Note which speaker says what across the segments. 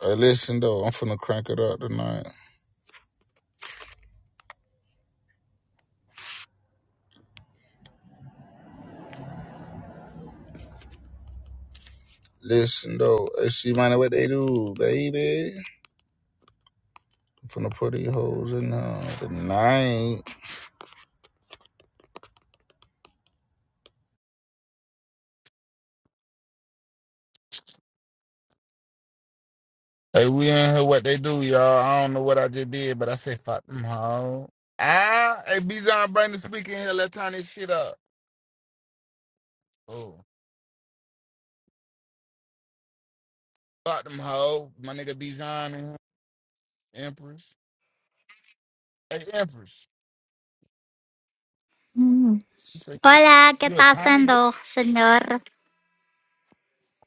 Speaker 1: Hey, listen though, I'm finna crank it up tonight. Listen though, hey, see man, what they do, baby. I'm finna put these hoes in here tonight. Hey, we in here, what they do, y'all. I don't know what I just did, but I said fuck them hoes. Ah, hey, B. John, bring the speaker in here. Let's turn this shit up. Oh, fuck them hoes. My nigga B. John in here. Empress. Hey, Empress.
Speaker 2: Mm.
Speaker 1: You say
Speaker 2: Hola, ¿qué
Speaker 1: you a
Speaker 2: está
Speaker 1: tiny dick?
Speaker 2: haciendo, señor?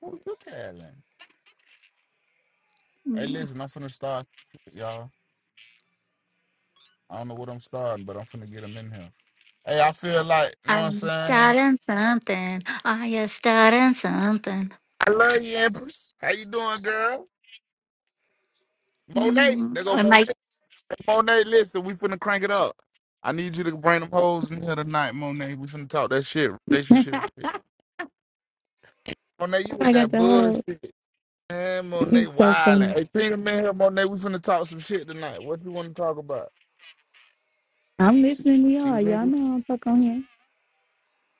Speaker 1: Who you telling? Hey,
Speaker 2: Mm.
Speaker 1: listen, I'm finna start, y'all. I don't know what I'm starting, but I'm finna get them in here. Hey, I feel like, you know what I'm
Speaker 2: I'm
Speaker 1: saying?
Speaker 2: starting something. I starting something.
Speaker 1: I love you, Empress. How you doing, girl? Monet.
Speaker 2: Mm.
Speaker 1: There go
Speaker 2: I'm like,
Speaker 1: Monet. Monet, listen, we finna crank it up. I need you to bring them hoes in here tonight, Monet. We finna talk that shit, relationship shit. Monet, you with
Speaker 3: I got
Speaker 1: that
Speaker 3: the whole.
Speaker 1: bullshit. Man, Monet
Speaker 3: It's so funny.
Speaker 1: wildin'. Hey, Tina, man, here, Monet, we finna talk some shit tonight. What you wanna talk about?
Speaker 3: I'm listening to
Speaker 1: These
Speaker 3: y'all. Y'all
Speaker 1: niggas?
Speaker 3: know I am not fuck on here.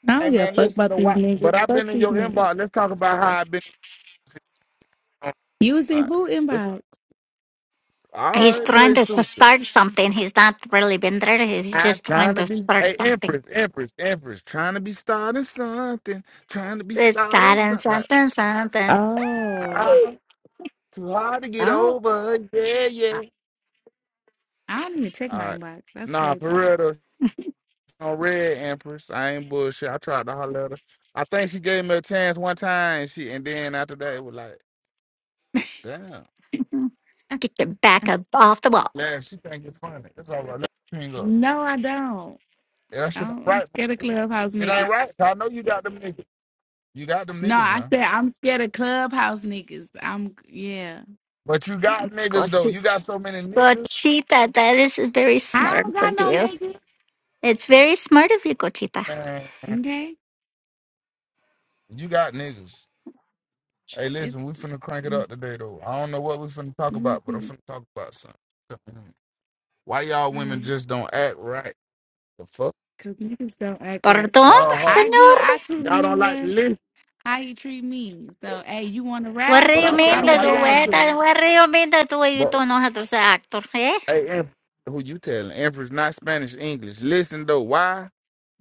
Speaker 3: I
Speaker 1: Hey,
Speaker 3: don't give a
Speaker 1: man,
Speaker 3: fuck
Speaker 1: listen
Speaker 3: about
Speaker 1: to
Speaker 3: these
Speaker 1: why. But
Speaker 3: niggas.
Speaker 1: i have
Speaker 3: Fuck
Speaker 1: been in
Speaker 3: these
Speaker 1: your
Speaker 3: niggas.
Speaker 1: inbox. Let's talk about how i have been.
Speaker 3: Using
Speaker 1: Like,
Speaker 3: who
Speaker 1: let's-
Speaker 3: inbox?
Speaker 1: all
Speaker 2: he's
Speaker 1: right,
Speaker 2: trying
Speaker 1: play
Speaker 2: to, to
Speaker 1: stupid.
Speaker 2: start something. He's not really been there. He's
Speaker 1: I'm
Speaker 2: just trying
Speaker 1: trying to
Speaker 2: to
Speaker 1: be
Speaker 2: start
Speaker 1: hey
Speaker 2: something.
Speaker 1: Empress, Empress, Empress, trying to be starting something, trying to be
Speaker 2: It's
Speaker 1: starting
Speaker 2: starting
Speaker 1: something. Like
Speaker 2: something, something.
Speaker 3: Oh,
Speaker 2: Woo!
Speaker 1: ah, too hard to get
Speaker 3: I don't.
Speaker 1: over. Yeah,
Speaker 3: I,
Speaker 1: yeah.
Speaker 3: I don't even check
Speaker 1: All
Speaker 3: my
Speaker 1: right,
Speaker 3: inbox. That's
Speaker 1: nah,
Speaker 3: crazy.
Speaker 1: for real though, she on red Empress. I ain't bullshit. I tried to holler at her. I think she gave me a chance one time. And she and then after that it was like, damn,
Speaker 2: Get your back up off the wall.
Speaker 1: man, she think it's funny. That's all right. Let me hang up.
Speaker 3: No, I don't.
Speaker 1: Yeah, That
Speaker 3: I
Speaker 1: shit ain't
Speaker 3: don't I'm
Speaker 1: right.
Speaker 3: scared of
Speaker 1: man.
Speaker 3: clubhouse
Speaker 1: It ain't
Speaker 3: niggas.
Speaker 1: right. I know you got them niggas. You got them
Speaker 3: No,
Speaker 1: niggas
Speaker 3: I
Speaker 1: now.
Speaker 3: said I'm scared of clubhouse niggas. I'm yeah.
Speaker 1: But you got
Speaker 2: Go
Speaker 1: niggas though.
Speaker 2: to.
Speaker 1: You got so many niggas.
Speaker 2: Cochita, that is very
Speaker 3: I
Speaker 2: smart
Speaker 3: don't got
Speaker 2: of
Speaker 3: no
Speaker 2: you.
Speaker 3: niggas.
Speaker 2: It's very smart of you, Cochita.
Speaker 1: Man,
Speaker 3: Okay,
Speaker 1: you got niggas. Hey,
Speaker 3: it's.
Speaker 1: listen, we finna crank it
Speaker 3: mm,
Speaker 1: up today, though. I don't know what we finna talk
Speaker 3: mm,
Speaker 1: about, but I'm
Speaker 3: mm.
Speaker 1: finna talk about something. Why y'all women
Speaker 3: mm.
Speaker 1: just don't act right? The fuck?
Speaker 3: Cause niggas don't act right.
Speaker 2: Perdón,
Speaker 1: Y'all hard.
Speaker 3: I give
Speaker 2: señor.
Speaker 3: I treat a
Speaker 1: Y'all don't like to
Speaker 3: nigga
Speaker 1: listen.
Speaker 3: how he treat me. So hey, you want to
Speaker 2: What do
Speaker 1: but
Speaker 2: you
Speaker 1: I'm
Speaker 3: razzle?
Speaker 1: saying,
Speaker 2: mean
Speaker 3: I'm a
Speaker 2: that
Speaker 1: why
Speaker 2: you
Speaker 1: y'all
Speaker 2: wait?
Speaker 1: just...
Speaker 2: And
Speaker 3: dazzle.
Speaker 2: what do you mean that way you
Speaker 1: But,
Speaker 2: don't know how to say actor, eh?
Speaker 1: hey, Em- who you telling? Empress, not Spanish, English. Listen, though, why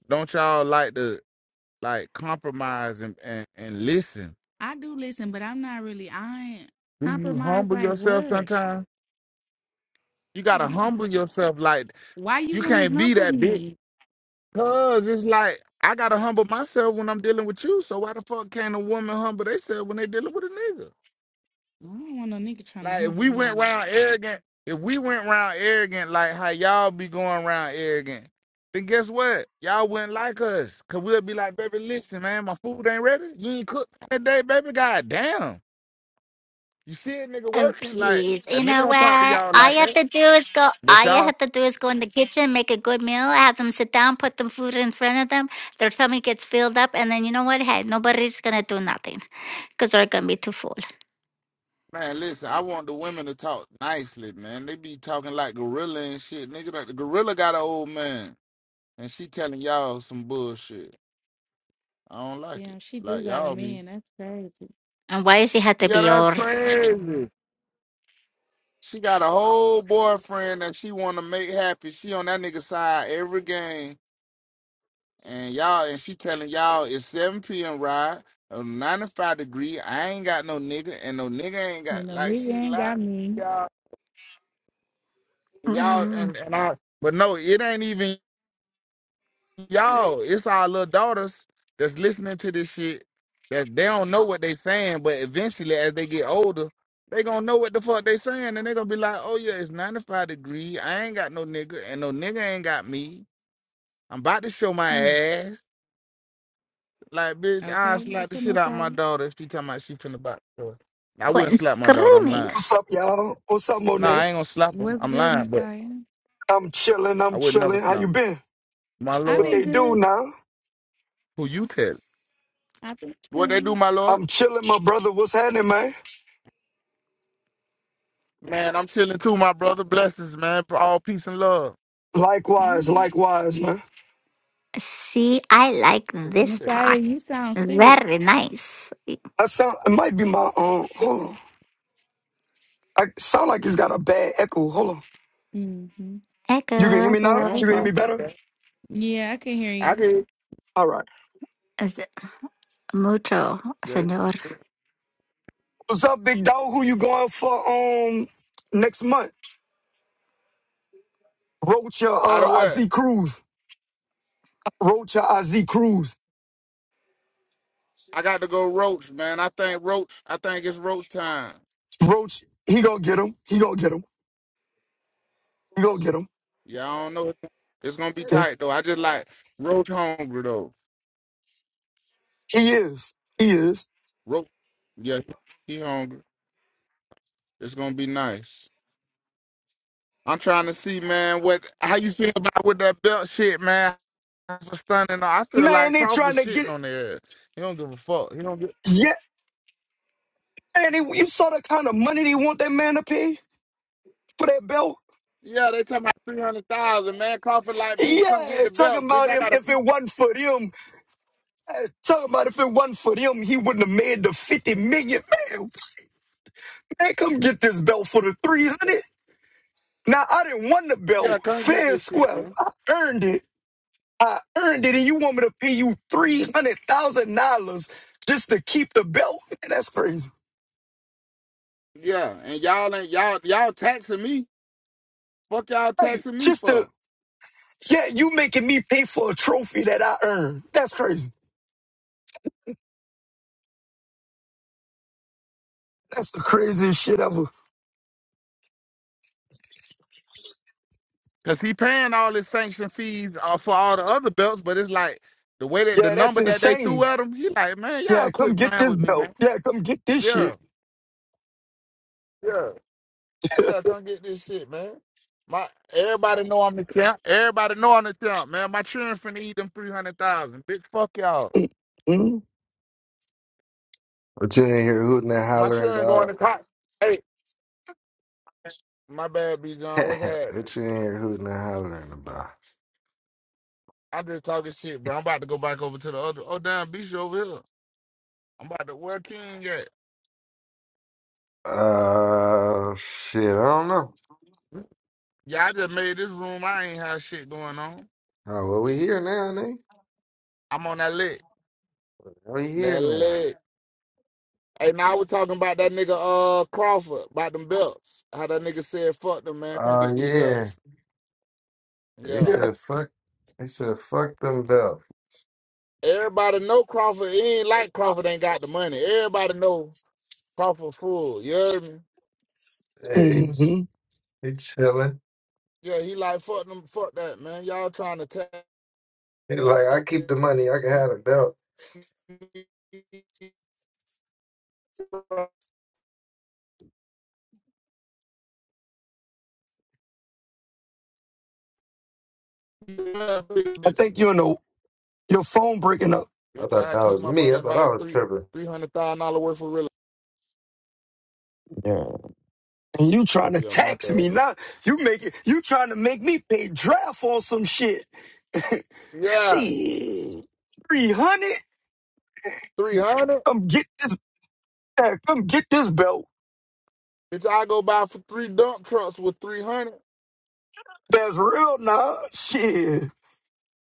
Speaker 1: don't y'all like to, like, compromise and, and, and listen?
Speaker 3: I do listen, but I'm not really. I ain't
Speaker 1: Do you
Speaker 3: compromise.
Speaker 1: humble
Speaker 3: Like
Speaker 1: yourself
Speaker 3: what?
Speaker 1: sometimes? You gotta humble yourself like
Speaker 3: Why you
Speaker 1: you
Speaker 3: want to
Speaker 1: can't be
Speaker 3: humble
Speaker 1: that bitch.
Speaker 3: me?
Speaker 1: Cause it's like I gotta humble myself when I'm dealing with you. So why the fuck can't a woman humble themselves when they dealing with a nigga?
Speaker 3: I don't want no nigga trying to
Speaker 1: Like if
Speaker 3: humble
Speaker 1: we went
Speaker 3: me.
Speaker 1: round arrogant, if we went round arrogant, like how y'all be going round arrogant, then guess what? Y'all wouldn't like us. Cause we'll be like, baby, listen, man, my food ain't ready. You ain't cooked that day, baby. God damn. You see a nigga
Speaker 2: Oh
Speaker 1: working, like
Speaker 2: please.
Speaker 1: a
Speaker 2: You
Speaker 1: nigga
Speaker 2: know
Speaker 1: don't talk to
Speaker 2: what?
Speaker 1: y'all
Speaker 2: All
Speaker 1: like
Speaker 2: you have
Speaker 1: that.
Speaker 2: to do is go
Speaker 1: But
Speaker 2: all you
Speaker 1: y'all.
Speaker 2: have to do is go in the kitchen, make a good meal, have them sit down, put them food in front of them, their tummy gets filled up, and then you know what? Hey, nobody's gonna do nothing. Because they're gonna be too full.
Speaker 1: Man, listen, I want the women to talk nicely, man. They be talking like gorilla and shit. Nigga, like the gorilla got an old man, and she telling y'all some bullshit. I don't like it.
Speaker 3: Damn, she do
Speaker 1: Like
Speaker 3: got a
Speaker 1: y'all be,
Speaker 3: man. That's crazy.
Speaker 2: And why does it have to
Speaker 1: yeah,
Speaker 2: be
Speaker 1: that's
Speaker 2: all
Speaker 1: crazy. She got a whole boyfriend that she want to make happy. She on that nigga side every game, and y'all, and she telling y'all it's 7 p.m. ride, a 95 degree. I ain't got no nigga, and no nigga ain't
Speaker 3: You
Speaker 1: got
Speaker 3: know,
Speaker 1: like
Speaker 3: nigga
Speaker 1: she
Speaker 3: ain't
Speaker 1: lied,
Speaker 3: got
Speaker 1: to
Speaker 3: me.
Speaker 1: y'all, y'all,
Speaker 2: mm,
Speaker 1: and and I. But no, it ain't even y'all, it's our little daughters that's listening to this shit. That they don't know what they saying, but eventually, as they get older, they gonna know what the fuck they saying, and they gonna be like, "Oh yeah, it's 95 degree. I ain't got no nigga, and no nigga ain't got me. I'm about to show my
Speaker 3: Mm,
Speaker 1: ass. Like, bitch, I
Speaker 3: okay,
Speaker 1: slap
Speaker 3: what's
Speaker 1: the
Speaker 3: up,
Speaker 1: shit out
Speaker 3: Messiah?
Speaker 1: my daughter. if She talking about she finna box her. I wouldn't
Speaker 2: quit
Speaker 1: slap my daughter. I'm
Speaker 2: screaming?
Speaker 1: lying.
Speaker 4: What's up, y'all? What's up,
Speaker 1: Nah,
Speaker 4: Monet?
Speaker 1: I ain't gonna slap her.
Speaker 3: What's
Speaker 1: I'm
Speaker 3: good,
Speaker 1: lying, but
Speaker 3: Messiah?
Speaker 4: I'm chilling.
Speaker 1: I
Speaker 4: I'm
Speaker 1: would never
Speaker 4: chilling. How you
Speaker 1: slap her.
Speaker 4: been?
Speaker 1: My
Speaker 3: i
Speaker 4: What
Speaker 1: lord,
Speaker 3: been
Speaker 4: they do
Speaker 3: good.
Speaker 4: now?
Speaker 1: who you tell?
Speaker 3: i been
Speaker 1: What they do,
Speaker 3: chilling.
Speaker 1: my lord?
Speaker 4: I'm chilling, my brother. What's happening, man?
Speaker 1: Man, I'm chilling too, my brother. Blessings, man. For all peace and love.
Speaker 4: Likewise,
Speaker 3: Mm.
Speaker 4: likewise, man.
Speaker 2: See, I like
Speaker 1: Who you
Speaker 2: this
Speaker 1: tell? It
Speaker 3: Messiah,
Speaker 2: talk.
Speaker 3: you sound sick.
Speaker 2: Very nice.
Speaker 4: I sound. It might be my um. Hold on. I sound like it's got a bad echo. Hold on.
Speaker 3: Hmm.
Speaker 4: You can hear
Speaker 2: Echo,
Speaker 4: me now.
Speaker 1: don't
Speaker 4: You can hear
Speaker 2: echo,
Speaker 1: sound
Speaker 4: me
Speaker 1: too
Speaker 4: better.
Speaker 1: bad.
Speaker 3: Yeah, I can hear
Speaker 1: I
Speaker 3: you.
Speaker 1: did.
Speaker 4: All right.
Speaker 2: echo. mucho,
Speaker 1: Yeah,
Speaker 2: Señor.
Speaker 1: this-
Speaker 4: What's up, big dog? Who you going for? Um, next month. Roach your
Speaker 1: Out of
Speaker 4: uh
Speaker 1: what?
Speaker 4: IZ Cruz. Roach your IZ Cruz.
Speaker 1: I got to go Roach, man. I think Roach. I think it's Roach time.
Speaker 4: Roach. He gonna get him. He gonna get him. He gonna get him.
Speaker 1: Yeah, I don't know. It's gonna be
Speaker 4: Yeah.
Speaker 1: tight though. I just like Roach hungry though.
Speaker 4: He is. He is.
Speaker 1: Roach. Yeah, he hungry. It's gonna be nice. I'm trying to see, man, what how you feel about with that belt shit, man. For stunning, I feel
Speaker 4: Man,
Speaker 1: like
Speaker 4: they
Speaker 1: Crawford
Speaker 4: trying to get
Speaker 1: shitting on there. He don't give a fuck. He don't give.
Speaker 4: yeah. And they, you saw the kind of money they want that man to pay for that belt.
Speaker 1: Yeah, they talking about three hundred thousand, man. Crawford like, bitch, come get
Speaker 4: Yeah,
Speaker 1: the
Speaker 4: talking
Speaker 1: belts, bitch.
Speaker 4: about
Speaker 1: I
Speaker 4: if
Speaker 1: got a
Speaker 4: if
Speaker 1: fee.
Speaker 4: it wasn't for them, eh, talking about if it wasn't for them, he wouldn't have made the fifty million. Man, man, come get this belt for the three hundred. Now I didn't want the belt,
Speaker 1: Yeah, come get
Speaker 4: fair
Speaker 1: this
Speaker 4: and
Speaker 1: shit,
Speaker 4: square.
Speaker 1: man.
Speaker 4: I earned it. I earned it, and you want me to pay you three hundred thousand dollars just to keep the belt? Man, that's crazy.
Speaker 1: Yeah, and y'all ain't y'all y'all taxing me. Fuck y'all
Speaker 4: Like
Speaker 1: taxing me
Speaker 4: just to
Speaker 1: for?
Speaker 4: Yeah, you making me pay for a trophy that I earned. That's crazy. That's the craziest shit ever.
Speaker 1: Cause he paying all his sanction fees uh, for all the other belts, but it's like the way that the
Speaker 4: Yeah, that's
Speaker 1: number that they threw
Speaker 4: insane.
Speaker 1: at him, he like, man,
Speaker 4: Yeah,
Speaker 1: y'all
Speaker 4: come
Speaker 1: quit
Speaker 4: get
Speaker 1: playing
Speaker 4: this
Speaker 1: with me,
Speaker 4: belt.
Speaker 1: man.
Speaker 4: Yeah, come get this
Speaker 1: Yeah,
Speaker 4: shit.
Speaker 1: yeah, yeah. Come get this shit, man. My everybody know I'm the champ. Everybody know I'm the champ, man. My children finna eat them three hundred thousand, bitch. Fuck y'all.
Speaker 4: Mm-hmm.
Speaker 5: What you in here hooting and
Speaker 1: My
Speaker 5: hollering,
Speaker 1: children going
Speaker 5: dog?
Speaker 1: to college. Hey, my bad, B John. What's happening?
Speaker 5: what you in here hooting and hollering about?
Speaker 1: I just talking shit, bro. I'm about to go back over to the other. Oh, damn, B, over here. I'm about to. Where King at?
Speaker 5: Uh, shit, I don't know.
Speaker 1: Yeah, I just made this room. I ain't have shit going on.
Speaker 5: Oh, well, we here now, nigga.
Speaker 1: I'm on that lick.
Speaker 5: We here
Speaker 1: That
Speaker 5: now.
Speaker 1: lick. Hey, now we're talking about that nigga uh Crawford, about them belts. How that nigga said, fuck them, man. Come
Speaker 5: Oh,
Speaker 1: get these
Speaker 5: yeah.
Speaker 1: belts.
Speaker 5: They
Speaker 1: Yeah.
Speaker 4: Yeah.
Speaker 5: said, fuck. They said, fuck them belts.
Speaker 1: Everybody know Crawford. He ain't like Crawford ain't got the money. Everybody know Crawford fool. You hear me?
Speaker 5: Hey, he's,
Speaker 4: hmm
Speaker 5: he chilling.
Speaker 1: Yeah, he like fuck them, fuck that, man. Y'all trying to tax
Speaker 5: He like,
Speaker 1: me,
Speaker 5: I keep the money. I can have the belt.
Speaker 4: I
Speaker 1: bitches.
Speaker 4: think you know your phone breaking up.
Speaker 5: I
Speaker 1: Bitch,
Speaker 5: thought
Speaker 1: I
Speaker 5: that
Speaker 1: keep
Speaker 5: was
Speaker 1: my
Speaker 5: me.
Speaker 1: money
Speaker 5: I
Speaker 1: and
Speaker 5: thought
Speaker 1: buy
Speaker 5: I was
Speaker 1: three
Speaker 5: tripping.
Speaker 1: three hundred thousand dollar worth of real.
Speaker 4: Yeah. And you trying to
Speaker 1: Yeah, my
Speaker 4: tax
Speaker 1: bad.
Speaker 4: me now? You make it. You trying to make me pay draft on some shit?
Speaker 1: Yeah,
Speaker 4: Shit. Three hundred.
Speaker 1: three hundred.
Speaker 4: Come get this. Yeah, come get this belt.
Speaker 1: Bitch, I go buy for three dump trucks with three hundred.
Speaker 4: That's real now. Shit.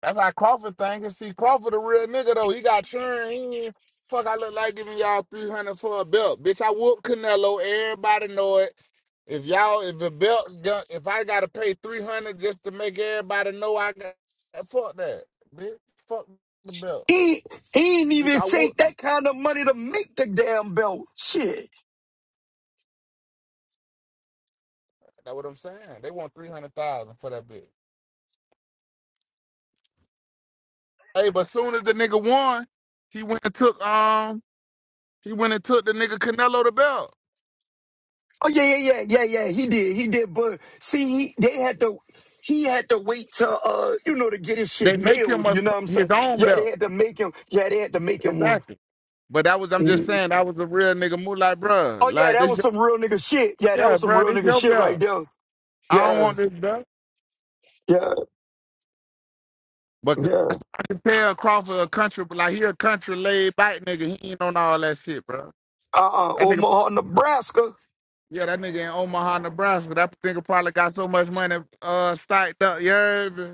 Speaker 1: That's how Crawford think. And see, Crawford a real nigga though. He got churn. He ain't- fuck. I look like giving y'all three hundred for a belt, bitch. I whoop Canelo. Everybody know it. If y'all, if the belt, gun, if I gotta pay three hundred just to make everybody know I got, fuck that, bitch. Fuck the belt,
Speaker 4: He, he ain't
Speaker 1: bitch.
Speaker 4: even
Speaker 1: I
Speaker 4: take
Speaker 1: whooped them.
Speaker 4: that kind of money to make the damn belt. Shit.
Speaker 1: That's what I'm saying. They want three hundred thousand for that bitch. Hey, but soon as the nigga won, he went and took um, he went and took the nigga Canelo the belt.
Speaker 4: Oh yeah, yeah, yeah, yeah, yeah. He did, he did. But see, he, they had to. He had to wait to, uh, you know, to get his shit
Speaker 1: They make him
Speaker 4: mailed.
Speaker 1: a,
Speaker 4: You know what I'm saying?
Speaker 1: his own
Speaker 4: Yeah, they
Speaker 1: belt,
Speaker 4: had to make him. Yeah, they had to make him one.
Speaker 1: exactly. But that was, I'm just
Speaker 4: Mm.
Speaker 1: saying, that was a real nigga move. Like, bruh,
Speaker 4: Oh yeah,
Speaker 1: like
Speaker 4: that
Speaker 1: this,
Speaker 4: was
Speaker 1: your,
Speaker 4: some real nigga shit. Yeah, that
Speaker 1: yeah,
Speaker 4: was some
Speaker 1: bruh,
Speaker 4: real
Speaker 1: this
Speaker 4: nigga
Speaker 1: your
Speaker 4: shit right
Speaker 1: belt.
Speaker 4: there.
Speaker 1: I don't
Speaker 4: Yeah,
Speaker 1: want this belt.
Speaker 4: yeah,
Speaker 1: But
Speaker 4: yeah.
Speaker 1: I, I can tell Crawford a country, but like he a country laid back nigga. He ain't on all that shit, bro.
Speaker 4: Uh, uh
Speaker 1: That nigga,
Speaker 4: Omaha, Nebraska.
Speaker 1: yeah, that nigga in Omaha, Nebraska. That nigga probably got so much money uh stacked up. You heard me?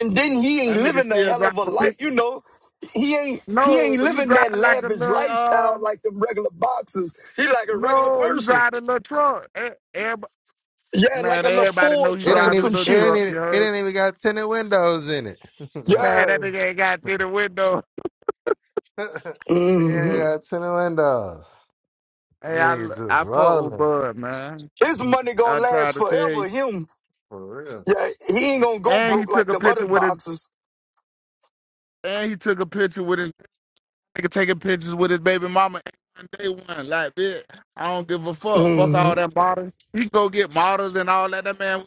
Speaker 4: and then he ain't
Speaker 1: That nigga
Speaker 4: living a
Speaker 1: still
Speaker 4: hell
Speaker 1: drive
Speaker 4: of a
Speaker 1: a pick.
Speaker 4: life, you know. He ain't he
Speaker 1: No,
Speaker 4: ain't
Speaker 1: he
Speaker 4: living
Speaker 1: drive
Speaker 4: that
Speaker 1: like a
Speaker 4: lavish
Speaker 1: little
Speaker 4: lifestyle
Speaker 1: uh.
Speaker 4: like them regular boxers. He like a regular
Speaker 1: No, he
Speaker 4: person.
Speaker 1: drive a little truck. Everybody,
Speaker 4: Yeah, like
Speaker 1: man,
Speaker 4: a little
Speaker 1: everybody know
Speaker 4: Ford
Speaker 1: he
Speaker 5: It
Speaker 4: truck or
Speaker 5: ain't
Speaker 1: drive his
Speaker 5: even,
Speaker 4: some
Speaker 1: little
Speaker 5: it
Speaker 4: shit.
Speaker 5: ain't
Speaker 1: truck. You
Speaker 5: even, it
Speaker 1: heard?
Speaker 5: ain't even got tinted windows in it. it
Speaker 1: Man,
Speaker 5: ain't
Speaker 1: that
Speaker 4: Yeah.
Speaker 1: nigga ain't got through the window.
Speaker 5: even
Speaker 4: hmm
Speaker 5: got tinted windows.
Speaker 1: Hey, I
Speaker 5: Nigga just
Speaker 1: I fuck with
Speaker 5: violent.
Speaker 1: Bud, man.
Speaker 4: His money gonna
Speaker 1: I tried
Speaker 4: last
Speaker 1: to tell you.
Speaker 4: forever, him.
Speaker 5: For real.
Speaker 4: Yeah, he ain't gonna go
Speaker 1: And he
Speaker 4: broke like
Speaker 1: took a
Speaker 4: them other
Speaker 1: picture with his
Speaker 4: boxers.
Speaker 1: And he took a picture with his nigga taking pictures with his baby mama on day one. Like, bitch, I don't give a fuck. Fuck
Speaker 4: hmm
Speaker 1: all that models. He go get models and all that. That man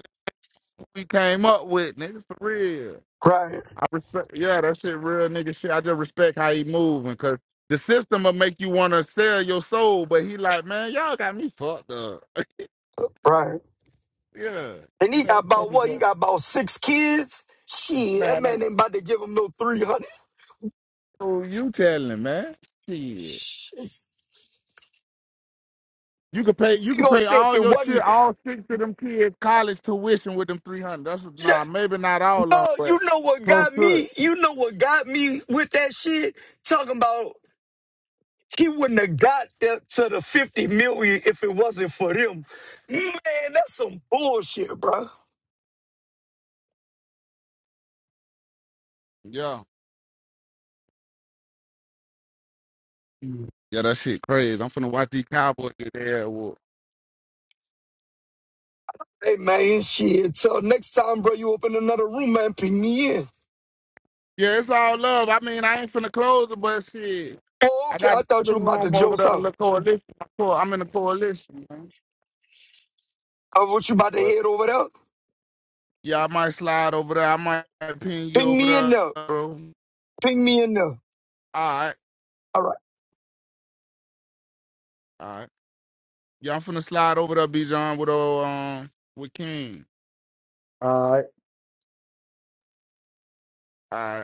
Speaker 1: we came up with, nigga, for real.
Speaker 4: Right,
Speaker 1: I respect, yeah, that shit real nigga shit. I just respect how he moving, cause the system will make you wanna sell your soul. But he like, man, y'all got me fucked up.
Speaker 4: right.
Speaker 1: Yeah,
Speaker 4: And he got
Speaker 1: man, fuck
Speaker 4: about
Speaker 1: is
Speaker 4: what? He
Speaker 1: that?
Speaker 4: got about six kids? Shit, that
Speaker 1: Man,
Speaker 4: man
Speaker 1: that's
Speaker 4: ain't about to give him no 300.
Speaker 1: who you telling, man. Shit.
Speaker 4: Shit.
Speaker 1: You could pay. You
Speaker 4: He
Speaker 1: could
Speaker 4: gonna
Speaker 1: pay
Speaker 4: say if
Speaker 1: all
Speaker 4: it
Speaker 1: your chi-
Speaker 4: wasn't.
Speaker 1: all six of them kids college tuition with them three hundred. That's
Speaker 4: yeah,
Speaker 1: nah, maybe not all of them,
Speaker 4: Oh,
Speaker 1: but
Speaker 4: you know what
Speaker 1: close
Speaker 4: got
Speaker 1: to it.
Speaker 4: me? You know what got me with that shit? Talking about he wouldn't have got that to the 50 million if it wasn't for them. Man, that's some bullshit, bro.
Speaker 1: Yeah, yeah, that shit crazy. I'm finna watch these Cowboys get their ass whooped.
Speaker 4: Hey, man, shit. Till next time, bro, you open another room, man, ping me in.
Speaker 1: Yeah, it's all love. I mean, I ain't finna close it, but shit,
Speaker 4: Oh,
Speaker 1: I
Speaker 4: okay.
Speaker 1: got
Speaker 4: I
Speaker 1: the
Speaker 4: thought
Speaker 1: other
Speaker 4: you were about to
Speaker 1: room over
Speaker 4: joke
Speaker 1: there to the
Speaker 4: out.
Speaker 1: little coalition. I'm co- I'm in the coalition, man.
Speaker 4: I thought you about to
Speaker 1: But
Speaker 4: head over there.
Speaker 1: yeah, I might slide over there. I might pin you
Speaker 4: Ping
Speaker 1: over
Speaker 4: me in
Speaker 1: there,
Speaker 4: there.
Speaker 1: bro.
Speaker 4: Ping me in there.
Speaker 1: All right,
Speaker 4: All right.
Speaker 1: all right. Yeah, I'm finna slide over there, Bijan, with uh, um, with King.
Speaker 5: Uh,
Speaker 1: All right.